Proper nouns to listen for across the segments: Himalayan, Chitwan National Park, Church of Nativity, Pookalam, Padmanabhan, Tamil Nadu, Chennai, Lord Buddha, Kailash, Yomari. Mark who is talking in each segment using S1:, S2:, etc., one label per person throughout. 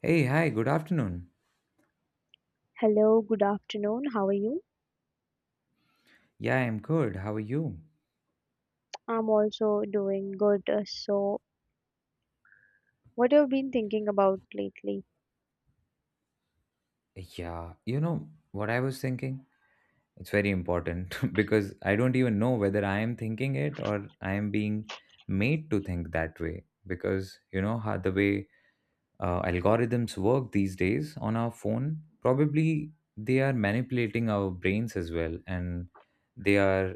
S1: Hey, hi, good afternoon.
S2: Hello, good afternoon. How are you?
S1: Yeah, I'm good. How are you?
S2: I'm also doing good. What have you been thinking about lately?
S1: Yeah, you know what I was thinking? It's very important because I don't even know whether I am thinking it or I am being made to think that way. Because you know how the way algorithms work these days on our phone, probably they are manipulating our brains as well, and they are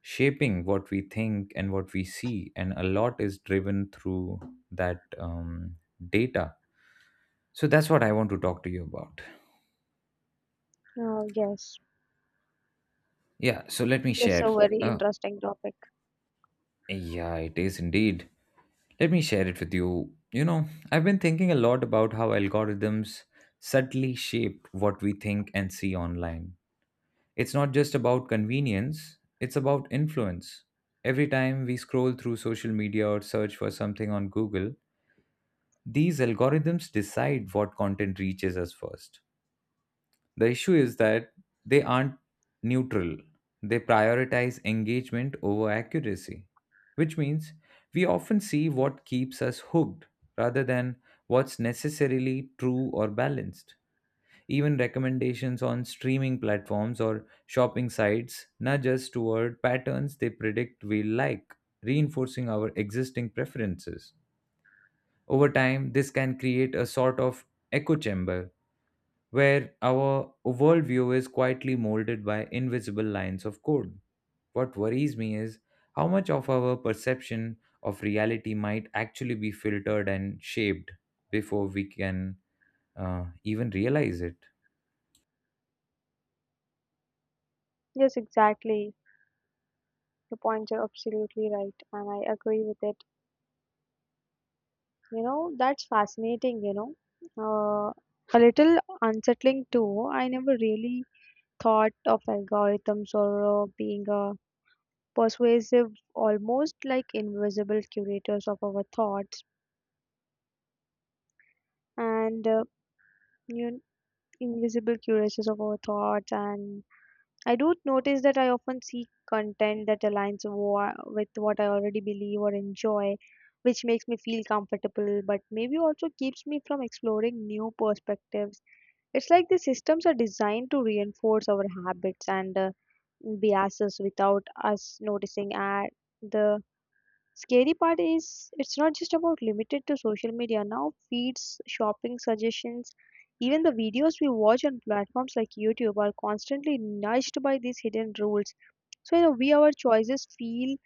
S1: shaping what we think and what we see, and a lot is driven through that data. So that's what I want to talk to you about.
S2: Oh, yes,
S1: Yeah, so let me
S2: that's
S1: share.
S2: a very
S1: Uh,
S2: interesting topic.
S1: yeah, it is indeed. Let me share it with you. You know, I've been thinking a lot about how algorithms subtly shape what we think and see online. It's not just about convenience, it's about influence. Every time we scroll through social media or search for something on Google, these algorithms decide what content reaches us first. The issue is that they aren't neutral. They prioritize engagement over accuracy, which means we often see what keeps us hooked rather than what's necessarily true or balanced. Even recommendations on streaming platforms or shopping sites nudge us toward patterns they predict we like, reinforcing our existing preferences. Over time, this can create a sort of echo chamber where our worldview is quietly molded by invisible lines of code. What worries me is how much of our perception of reality might actually be filtered and shaped before we can even realize it.
S2: Yes, exactly. The points are absolutely right, and I agree with it. You know, that's fascinating. Uh, a little unsettling too. I never really thought of algorithms or being persuasive, almost like invisible curators of our thoughts. And you Invisible curators of our thoughts, and I do notice that I often seek content that aligns with what I already believe or enjoy, which makes me feel comfortable but maybe also keeps me from exploring new perspectives. It's like the systems are designed to reinforce our habits and biases without us noticing at the. Scary part is it's not just about limited to social media. Now feeds, shopping suggestions, even the videos we watch on platforms like YouTube are constantly nudged by these hidden rules. So in a way, our choices feel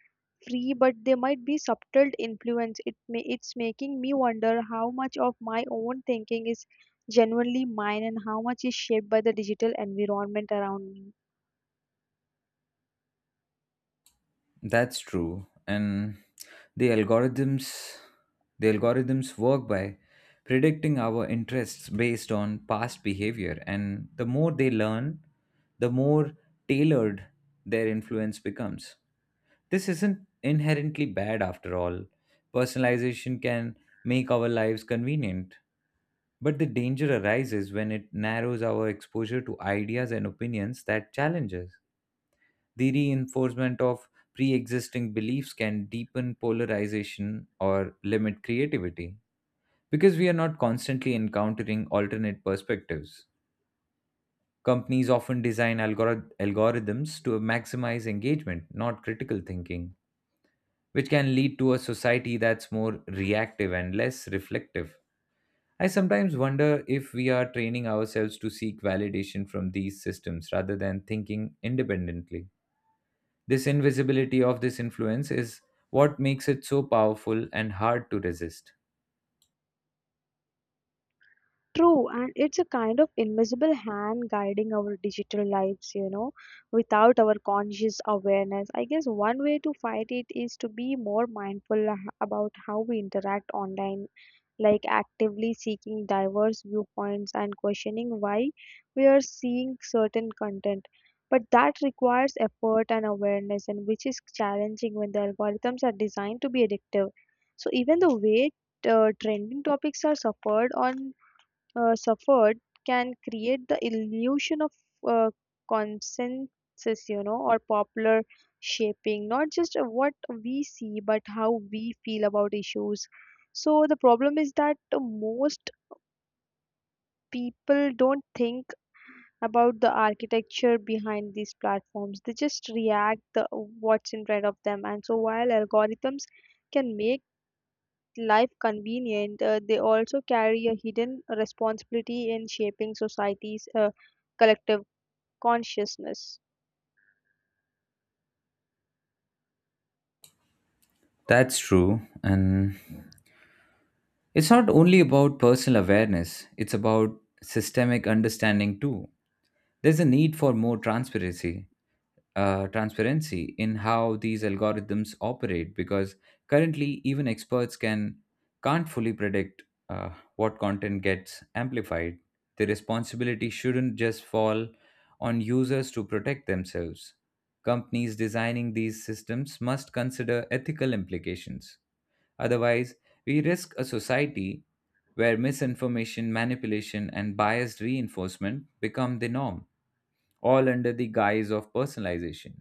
S2: free, but they might be subtle influence. It's making me wonder how much of my own thinking is genuinely mine and how much is shaped by the digital environment around me.
S1: That's true. And the algorithms the algorithms work by predicting our interests based on past behavior, and the more they learn, the more tailored their influence becomes. This isn't inherently bad after all. Personalization can make our lives convenient, but the danger arises when it narrows our exposure to ideas and opinions that challenge us. The reinforcement of pre existing beliefs can deepen polarization or limit creativity because we are not constantly encountering alternate perspectives. Companies often design algorithms to maximize engagement, not critical thinking, which can lead to a society that's more reactive and less reflective. I sometimes wonder if we are training ourselves to seek validation from these systems rather than thinking independently. This invisibility of this influence is what makes it so powerful and hard to resist.
S2: True, and it's a kind of invisible hand guiding our digital lives, you know, without our conscious awareness. I guess one way to fight it is to be more mindful about how we interact online, like actively seeking diverse viewpoints and questioning why we are seeing certain content. But that requires effort and awareness, and which is challenging when the algorithms are designed to be addictive. So even the way trending topics are suffered on suffered can create the illusion of uh, consensus, you know, or popular shaping, not just of what we see, but how we feel about issues. So the problem is that most people don't think about the architecture behind these platforms. They just react the what's in front of them. And so while algorithms can make life convenient, they also carry a hidden responsibility in shaping society's collective consciousness.
S1: That's true. And it's not only about personal awareness, it's about systemic understanding too. There's a need for more transparency. Transparency in how these algorithms operate, because currently even experts can can't fully predict uh, what content gets amplified. The responsibility shouldn't just fall on users to protect themselves. Companies designing these systems must consider ethical implications. Otherwise, we risk a society where misinformation, manipulation, and biased reinforcement become the norm, all under the guise of personalization.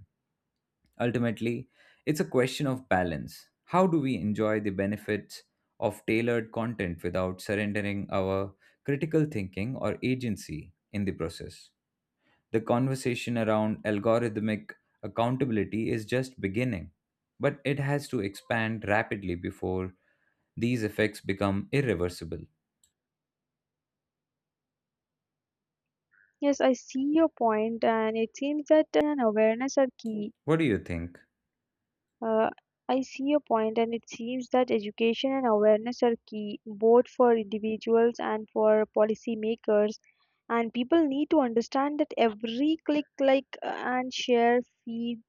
S1: Ultimately, it's a question of balance. How do we enjoy the benefits of tailored content without surrendering our critical thinking or agency in the process? The conversation around algorithmic accountability is just beginning, but it has to expand rapidly before these effects become irreversible.
S2: Yes, I see your point, and it seems that an awareness are key.
S1: What do you think?
S2: Uh, I see your point, and it seems that education and awareness are key both for individuals and for policymakers. And people need to understand that every click, like, and share feeds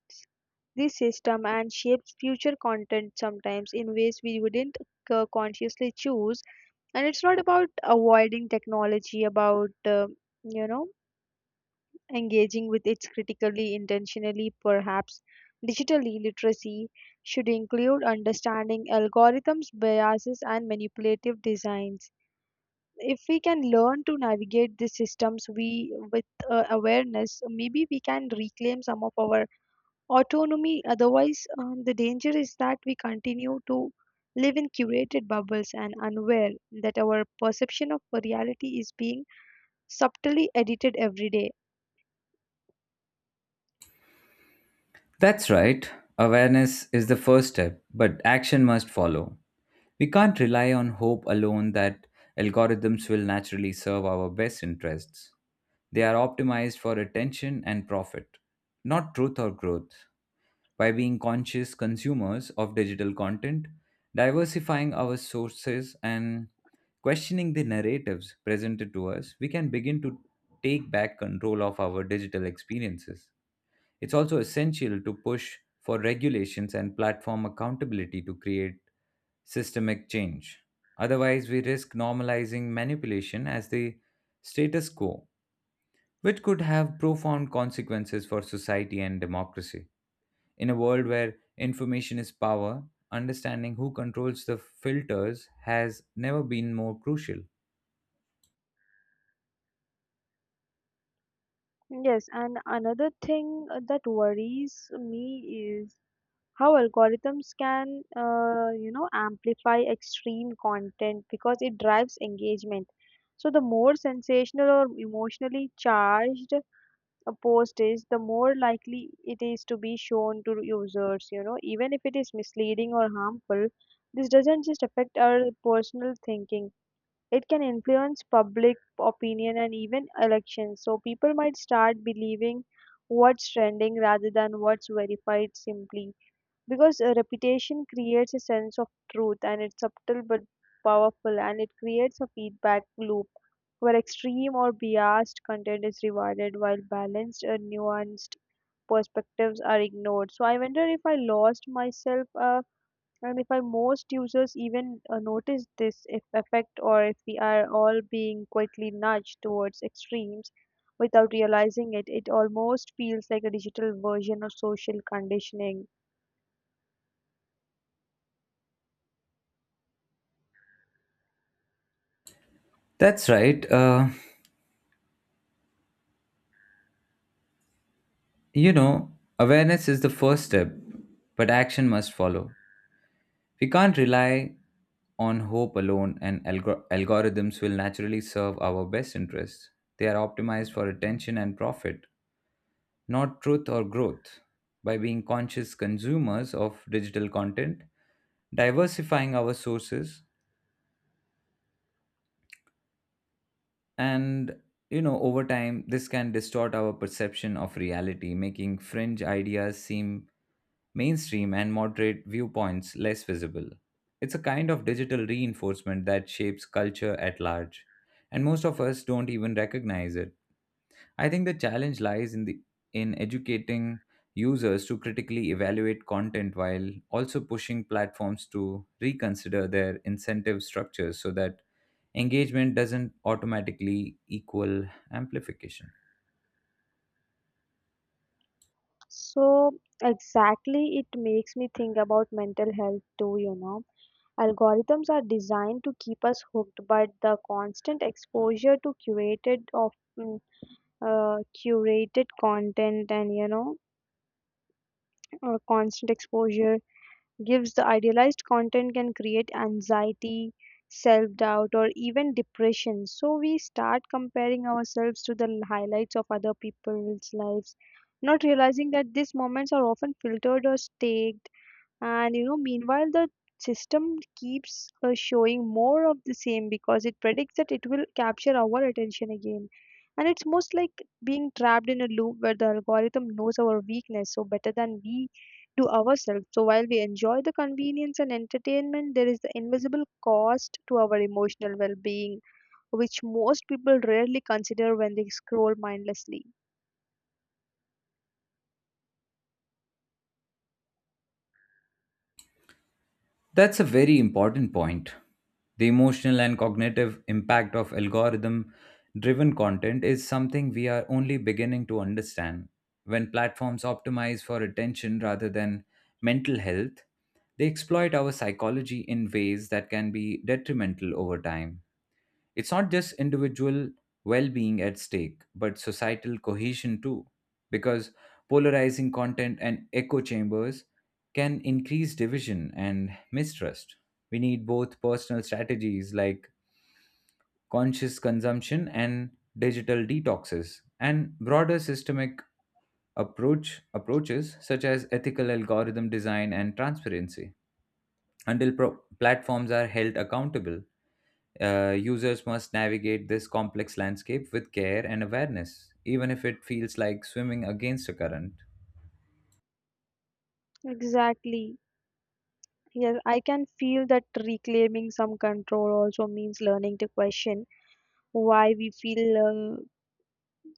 S2: this system and shapes future content, sometimes in ways we wouldn't consciously choose. And it's not about avoiding technology, about uh, you know engaging with it critically, intentionally. Perhaps digitally literacy should include understanding algorithms, biases, and manipulative designs. If we can learn to navigate these systems, we with awareness, maybe we can reclaim some of our autonomy. Otherwise, the danger is that we continue to live in curated bubbles and unaware that our perception of reality is being subtly edited every day.
S1: That's right. Awareness is the first step, but action must follow. We can't rely on hope alone that algorithms will naturally serve our best interests. They are optimized for attention and profit, not truth or growth. By being conscious consumers of digital content, diversifying our sources, and questioning the narratives presented to us, we can begin to take back control of our digital experiences. It's also essential to push for regulations and platform accountability to create systemic change. Otherwise, we risk normalizing manipulation as the status quo, which could have profound consequences for society and democracy. In a world where information is power, understanding who controls the filters has never been more crucial.
S2: Yes, and another thing that worries me is how algorithms can, you know, amplify extreme content because it drives engagement. So the more sensational or emotionally charged a post is, the more likely it is to be shown to users. You know, even if it is misleading or harmful, this doesn't just affect our personal thinking. It can influence public opinion and even elections. So people might start believing what's trending rather than what's verified, simply because a reputation creates a sense of truth. And it's subtle but powerful, and it creates a feedback loop where extreme or biased content is rewarded while balanced or nuanced perspectives are ignored. So I wonder if I lost myself, and if I most users even notice this if effect, or if we are all being quietly nudged towards extremes without realizing it. It almost feels like a digital version of social conditioning.
S1: That's right. You know, awareness is the first step, but action must follow. We can't rely on hope alone, and algorithms will naturally serve our best interests. They are optimized for attention and profit, not truth or growth. By being conscious consumers of digital content, diversifying our sources, and you know, over time, this can distort our perception of reality, making fringe ideas seem mainstream and moderate viewpoints less visible. It's a kind of digital reinforcement that shapes culture at large, and most of us don't even recognize it. I think the challenge lies in educating users to critically evaluate content while also pushing platforms to reconsider their incentive structures so that engagement doesn't automatically equal amplification.
S2: So exactly, it makes me think about mental health too, you know. Algorithms are designed to keep us hooked, but the constant exposure to curated of mm, uh, curated content, and constant exposure gives the idealized content can create anxiety, self doubt, or even depression. So we start comparing ourselves to the highlights of other people's lives, not realizing that these moments are often filtered or staged. And you know, meanwhile, the system keeps showing more of the same because it predicts that it will capture our attention again. And it's most like being trapped in a loop where the algorithm knows our weakness so better than we do ourselves. So while we enjoy the convenience and entertainment, there is the invisible cost to our emotional well being, which most people rarely consider when they scroll mindlessly.
S1: That's a very important point. The emotional and cognitive impact of algorithm driven content is something we are only beginning to understand. When platforms optimize for attention rather than mental health, they exploit our psychology in ways that can be detrimental over time. It's not just individual well being at stake, but societal cohesion too, because polarizing content and echo chambers can increase division and mistrust. We need both personal strategies like conscious consumption and digital detoxes, and broader systemic approaches such as ethical algorithm design and transparency. Until platforms are held accountable, users must navigate this complex landscape with care and awareness, even if it feels like swimming against a current.
S2: Exactly. Yes, I can feel that reclaiming some control also means learning to question why we feel uh,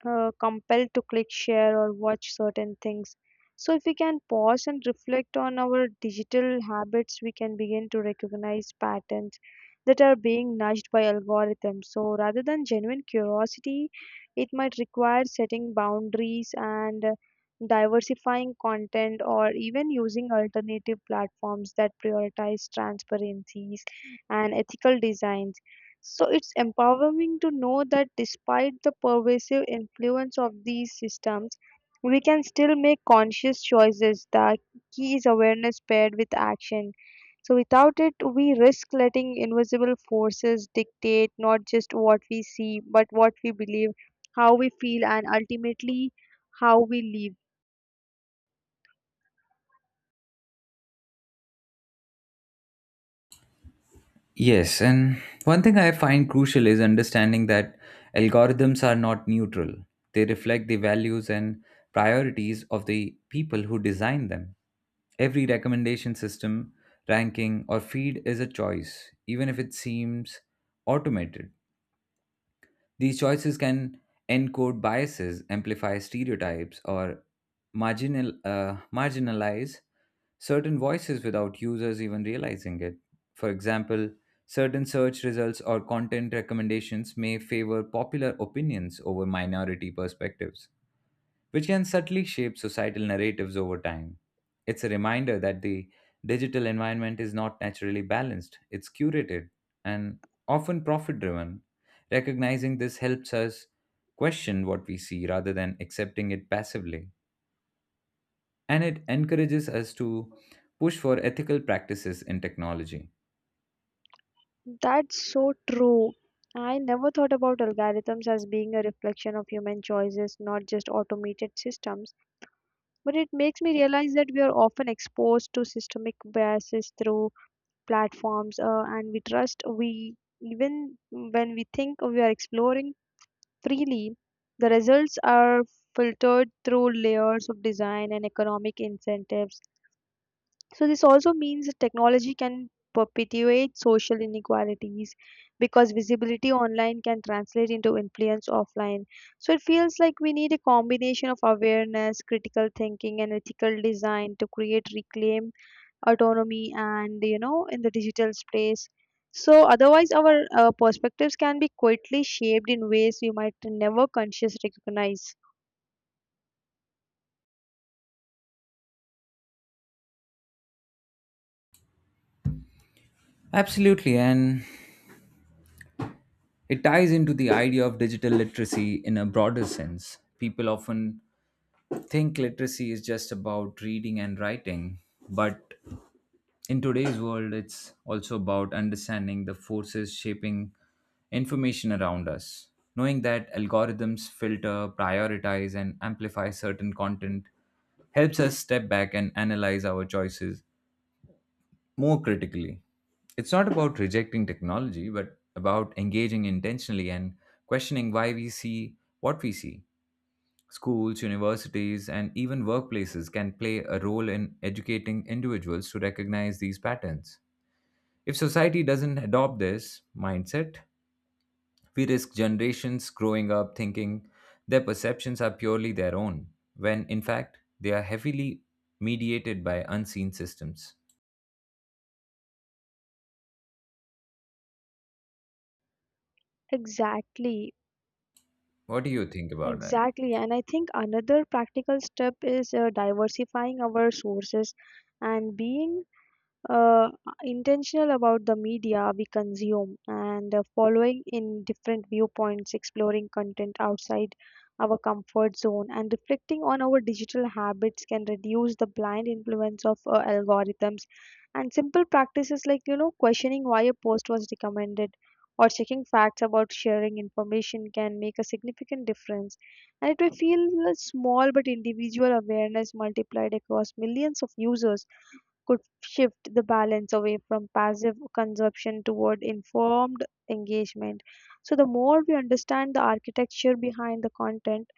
S2: uh, compelled to click, share, or watch certain things. So, if we can pause and reflect on our digital habits, we can begin to recognize patterns that are being nudged by algorithms. So, rather than genuine curiosity, it might require setting boundaries and diversifying content or even using alternative platforms that prioritize transparencies and ethical designs. So it's empowering to know that despite the pervasive influence of these systems, we can still make conscious choices. The key is awareness paired with action. So without it, we risk letting invisible forces dictate not just what we see, but what we believe, how we feel, and ultimately how we live.
S1: Yes, and one thing I find crucial is understanding that algorithms are not neutral. They reflect the values and priorities of the people who design them. Every recommendation system, ranking, or feed is a choice, even if it seems automated. These choices can encode biases, amplify stereotypes, or marginalize certain voices without users even realizing it. For example, certain search results or content recommendations may favor popular opinions over minority perspectives, which can subtly shape societal narratives over time. It's a reminder that the digital environment is not naturally balanced, it's curated and often profit driven. Recognizing this helps us question what we see rather than accepting it passively, and it encourages us to push for ethical practices in technology.
S2: That's so true. I never thought about algorithms as being a reflection of human choices, not just automated systems. But it makes me realize that we are often exposed to systemic biases through platforms, and we trust we even when we think we are exploring freely. The results are filtered through layers of design and economic incentives. So, this also means that technology can perpetuate social inequalities because visibility online can translate into influence offline. So, it feels like we need a combination of awareness, critical thinking, and ethical design to create reclaim autonomy and, you know, in the digital space. So, otherwise, our perspectives can be quietly shaped in ways we might never consciously recognize.
S1: Absolutely, and it ties into the idea of digital literacy in a broader sense. People often think literacy is just about reading and writing, but in today's world, it's also about understanding the forces shaping information around us. Knowing that algorithms filter, prioritize, and amplify certain content helps us step back and analyze our choices more critically. It's not about rejecting technology, but about engaging intentionally and questioning why we see what we see. Schools, universities, and even workplaces can play a role in educating individuals to recognize these patterns. If society doesn't adopt this mindset, we risk generations growing up thinking their perceptions are purely their own, when in fact they are heavily mediated by unseen systems.
S2: Exactly.
S1: What do you think about that?
S2: Exactly, and I think another practical step is diversifying our sources and being uh, intentional about the media we consume and following in different viewpoints, exploring content outside our comfort zone, and reflecting on our digital habits can reduce the blind influence of algorithms. And simple practices like, you know, questioning why a post was recommended or checking facts about sharing information can make a significant difference. And it may feel small, but individual awareness multiplied across millions of users could shift the balance away from passive consumption toward informed engagement. So, the more we understand the architecture behind the content,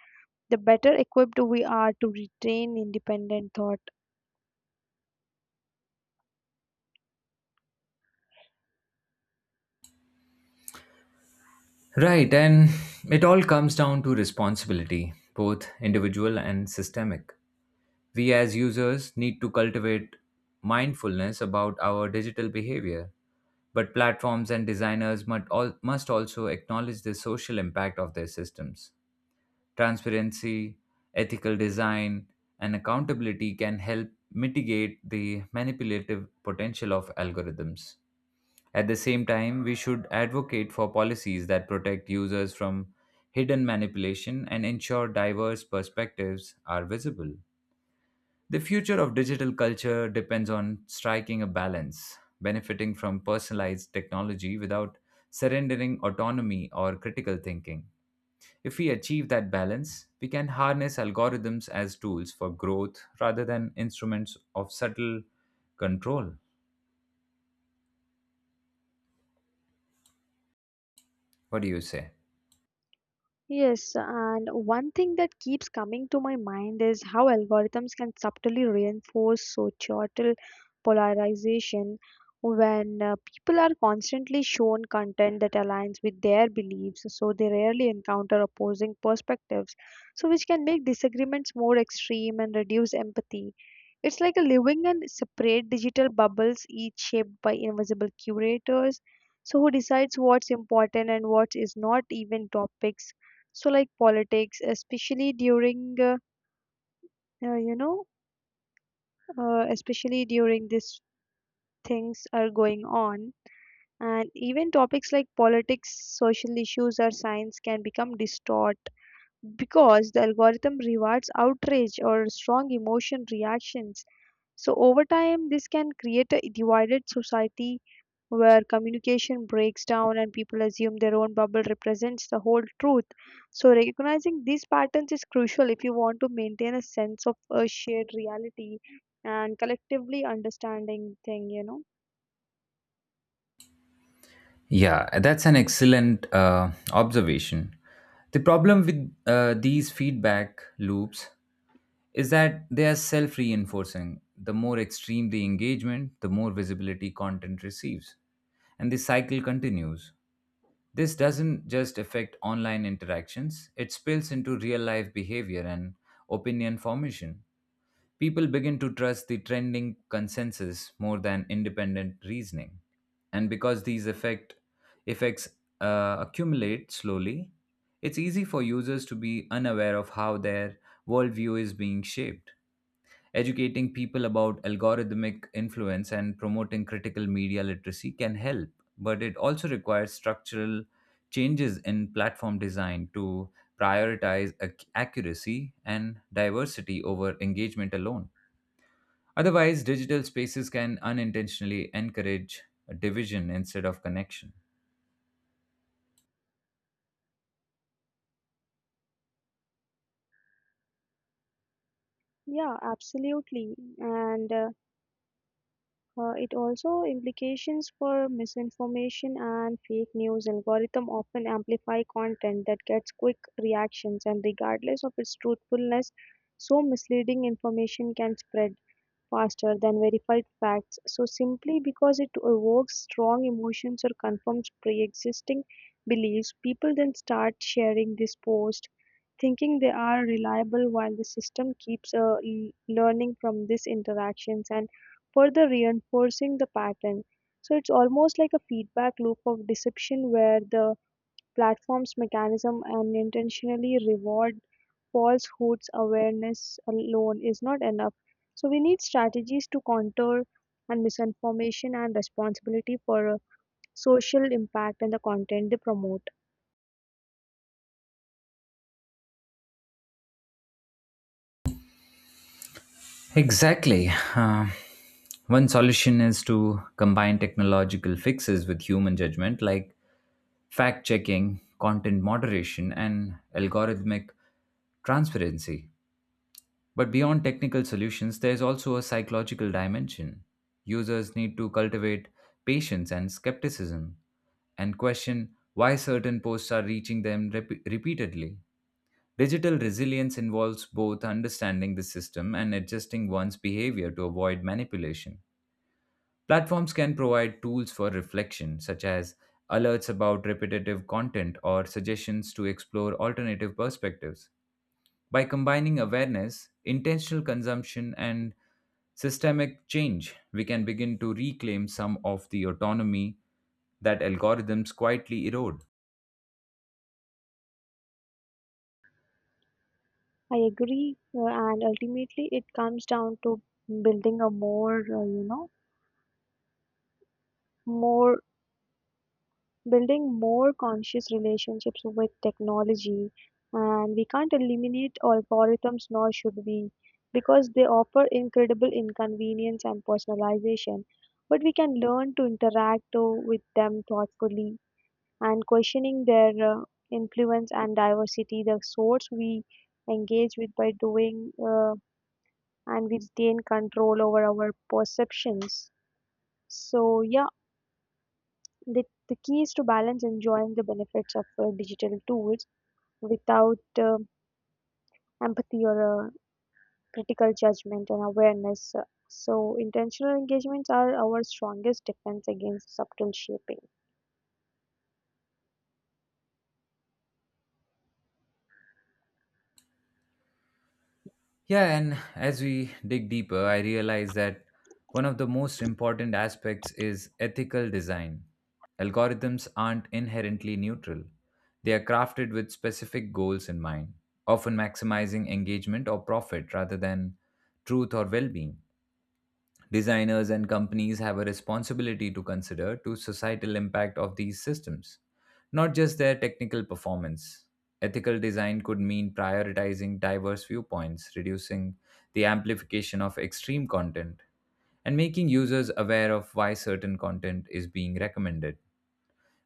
S2: the better equipped we are to retain independent thought.
S1: Right, and it all comes down to responsibility, both individual and systemic. We as users need to cultivate mindfulness about our digital behavior, but platforms and designers must also acknowledge the social impact of their systems. Transparency, ethical design, and accountability can help mitigate the manipulative potential of algorithms. At the same time, we should advocate for policies that protect users from hidden manipulation and ensure diverse perspectives are visible. The future of digital culture depends on striking a balance, benefiting from personalized technology without surrendering autonomy or critical thinking. If we achieve that balance, we can harness algorithms as tools for growth rather than instruments of subtle control. What do you say?
S2: Yes, and one thing that keeps coming to my mind is how algorithms can subtly reinforce societal polarization when people are constantly shown content that aligns with their beliefs, so they rarely encounter opposing perspectives, so which can make disagreements more extreme and reduce empathy. It's like a living and separate digital bubbles, each shaped by invisible curators, so who decides what's important and what is not, even topics so like politics, especially during uh, you know especially during these things are going on. And even topics like politics, social issues, or science can become distort because the algorithm rewards outrage or strong emotion reactions. So, over time, this can create a divided society where communication breaks down and people assume their own bubble represents the whole truth. So, recognizing these patterns is crucial if you want to maintain a sense of a shared reality and collectively understanding thing, you know.
S1: Yeah, that's an excellent observation. The problem with these feedback loops is that they are self reinforcing. The more extreme the engagement, the more visibility content receives. And the cycle continues. This doesn't just affect online interactions, it spills into real life behavior and opinion formation. People begin to trust the trending consensus more than independent reasoning. And because effects accumulate slowly, it's easy for users to be unaware of how their worldview is being shaped. Educating people about algorithmic influence and promoting critical media literacy can help, but it also requires structural changes in platform design to prioritize accuracy and diversity over engagement alone. Otherwise, digital spaces can unintentionally encourage division instead of connection.
S2: Yeah, absolutely. And It also implications for misinformation and fake news. Algorithm often amplify content that gets quick reactions and regardless of its truthfulness, so misleading information can spread faster than verified facts, so simply because it evokes strong emotions or confirms pre-existing beliefs. People then start sharing this post thinking they are reliable, while the system keeps learning from these interactions and further reinforcing the pattern. So it's almost like a feedback loop of deception where the platform's mechanism and intentionally reward falsehoods. Awareness alone is not enough. So we need strategies to counter and misinformation and responsibility for social impact and the content they promote.
S1: Exactly. Um, One solution is to combine technological fixes with human judgment, like fact checking, content moderation, and algorithmic transparency. But beyond technical solutions, there's also a psychological dimension. Users need to cultivate patience and skepticism, and question why certain posts are reaching them repeatedly. Digital resilience involves both understanding the system and adjusting one's behavior to avoid manipulation. Platforms can provide tools for reflection, such as alerts about repetitive content or suggestions to explore alternative perspectives. By combining awareness, intentional consumption, and systemic change, we can begin to reclaim some of the autonomy that algorithms quietly erode.
S2: I agree, and ultimately it comes down to building a more, more building more conscious relationships with technology, and we can't eliminate algorithms, nor should we, because they offer incredible inconvenience and personalization. But we can learn to interact with them thoughtfully and questioning their influence and diversity, the source we engage with by doing. And we retain control over our perceptions. So, yeah, the key is to balance enjoying the benefits of digital tools without empathy or critical judgment and awareness. So, intentional engagements are our strongest defense against subtle shaping.
S1: Yeah, and as we dig deeper, I realize that one of the most important aspects is ethical design. Algorithms aren't inherently neutral, they are crafted with specific goals in mind, often maximizing engagement or profit rather than truth or well being. Designers and companies have a responsibility to consider to societal impact of these systems, not just their technical performance. Ethical design could mean prioritizing diverse viewpoints, reducing the amplification of extreme content, and making users aware of why certain content is being recommended.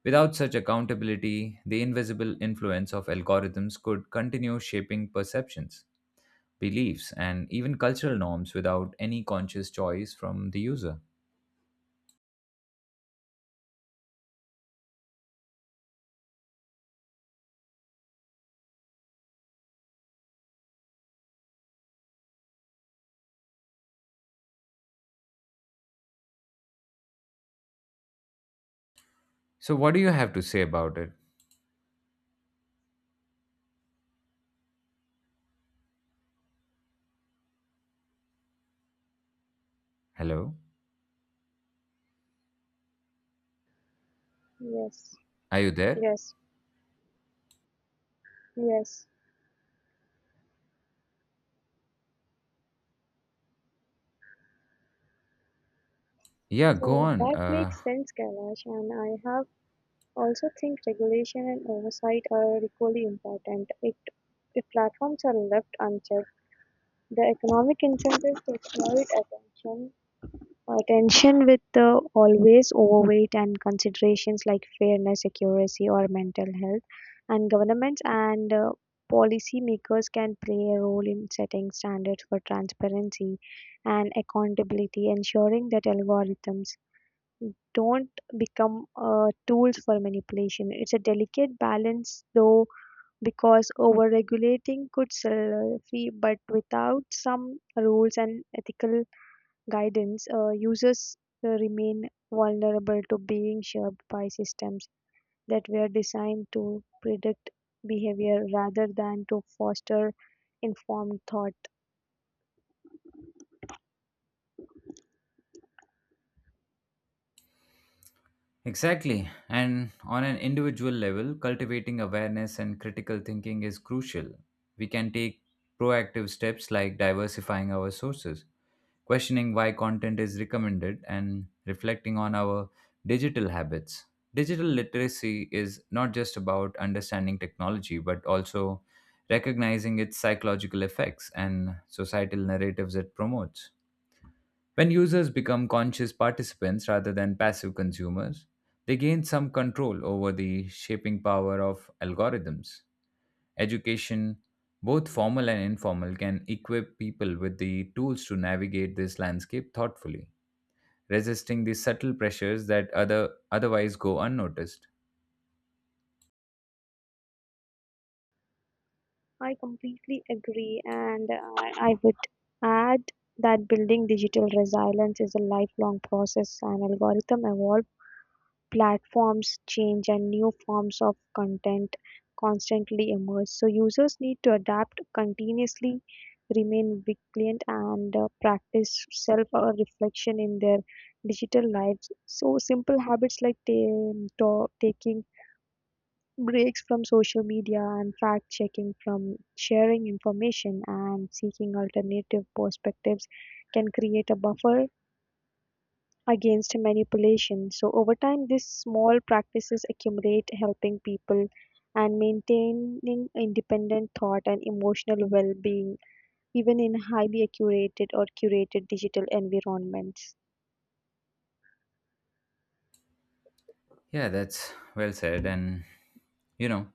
S1: Without such accountability, the invisible influence of algorithms could continue shaping perceptions, beliefs, and even cultural norms without any conscious choice from the user. So, what do you have to say about it? Hello?
S2: Yes,
S1: Are you there?
S2: yes, yes.
S1: Yeah, go
S2: So
S1: on.
S2: that makes sense, Kailash, and I have also think regulation and oversight are equally important. It, if platforms are left unchecked, the economic incentives to exploit attention with always overweight and considerations like fairness, accuracy, or mental health, and governments and policy makers can play a role in setting standards for transparency and accountability, ensuring that algorithms don't become tools for manipulation. It's a delicate balance, though, because over-regulating could stifle, but without some rules and ethical guidance, users remain vulnerable to being shaped by systems that were designed to predict behavior rather than to foster informed thought.
S1: Exactly. And on an individual level, cultivating awareness and critical thinking is crucial. We can take proactive steps like diversifying our sources, questioning why content is recommended, and reflecting on our digital habits. Digital literacy is not just about understanding technology, but also recognizing its psychological effects and societal narratives it promotes. When users become conscious participants rather than passive consumers, they gain some control over the shaping power of algorithms. Education, both formal and informal, can equip people with the tools to navigate this landscape thoughtfully, resisting the subtle pressures that otherwise go unnoticed.
S2: I completely agree, and I would add that building digital resilience is a lifelong process, and algorithm evolve, platforms change, and new forms of content constantly emerge. So users need to adapt continuously, remain vigilant, and practice self-reflection in their digital lives. So simple habits like taking breaks from social media and fact checking from sharing information and seeking alternative perspectives can create a buffer against manipulation. So over time, these small practices accumulate, helping people and maintaining independent thought and emotional well-being, even in highly accurated or curated digital environments.
S1: Yeah, that's well said. And you know,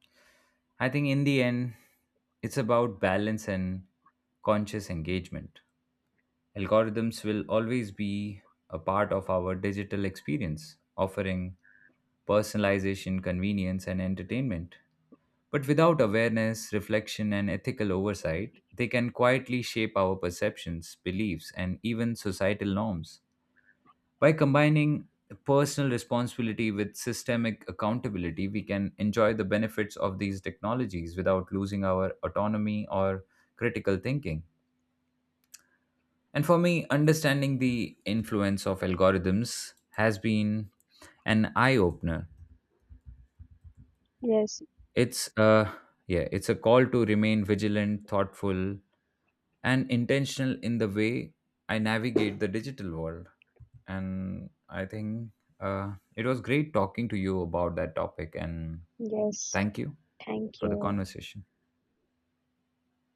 S1: I think in the end it's about balance and conscious engagement. Algorithms will always be a part of our digital experience, offering personalization, convenience, and entertainment. But without awareness, reflection, and ethical oversight, they can quietly shape our perceptions, beliefs, and even societal norms. By combining personal responsibility with systemic accountability, we can enjoy the benefits of these technologies without losing our autonomy or critical thinking. And for me, understanding the influence of algorithms has been an eye opener.
S2: Yes,
S1: It's a Yeah, it's a call to remain vigilant, thoughtful, and intentional in the way I navigate the digital world. And I think it was great talking to you about that topic. And
S2: yes.
S1: thank you
S2: Thank
S1: for the
S2: you.
S1: conversation.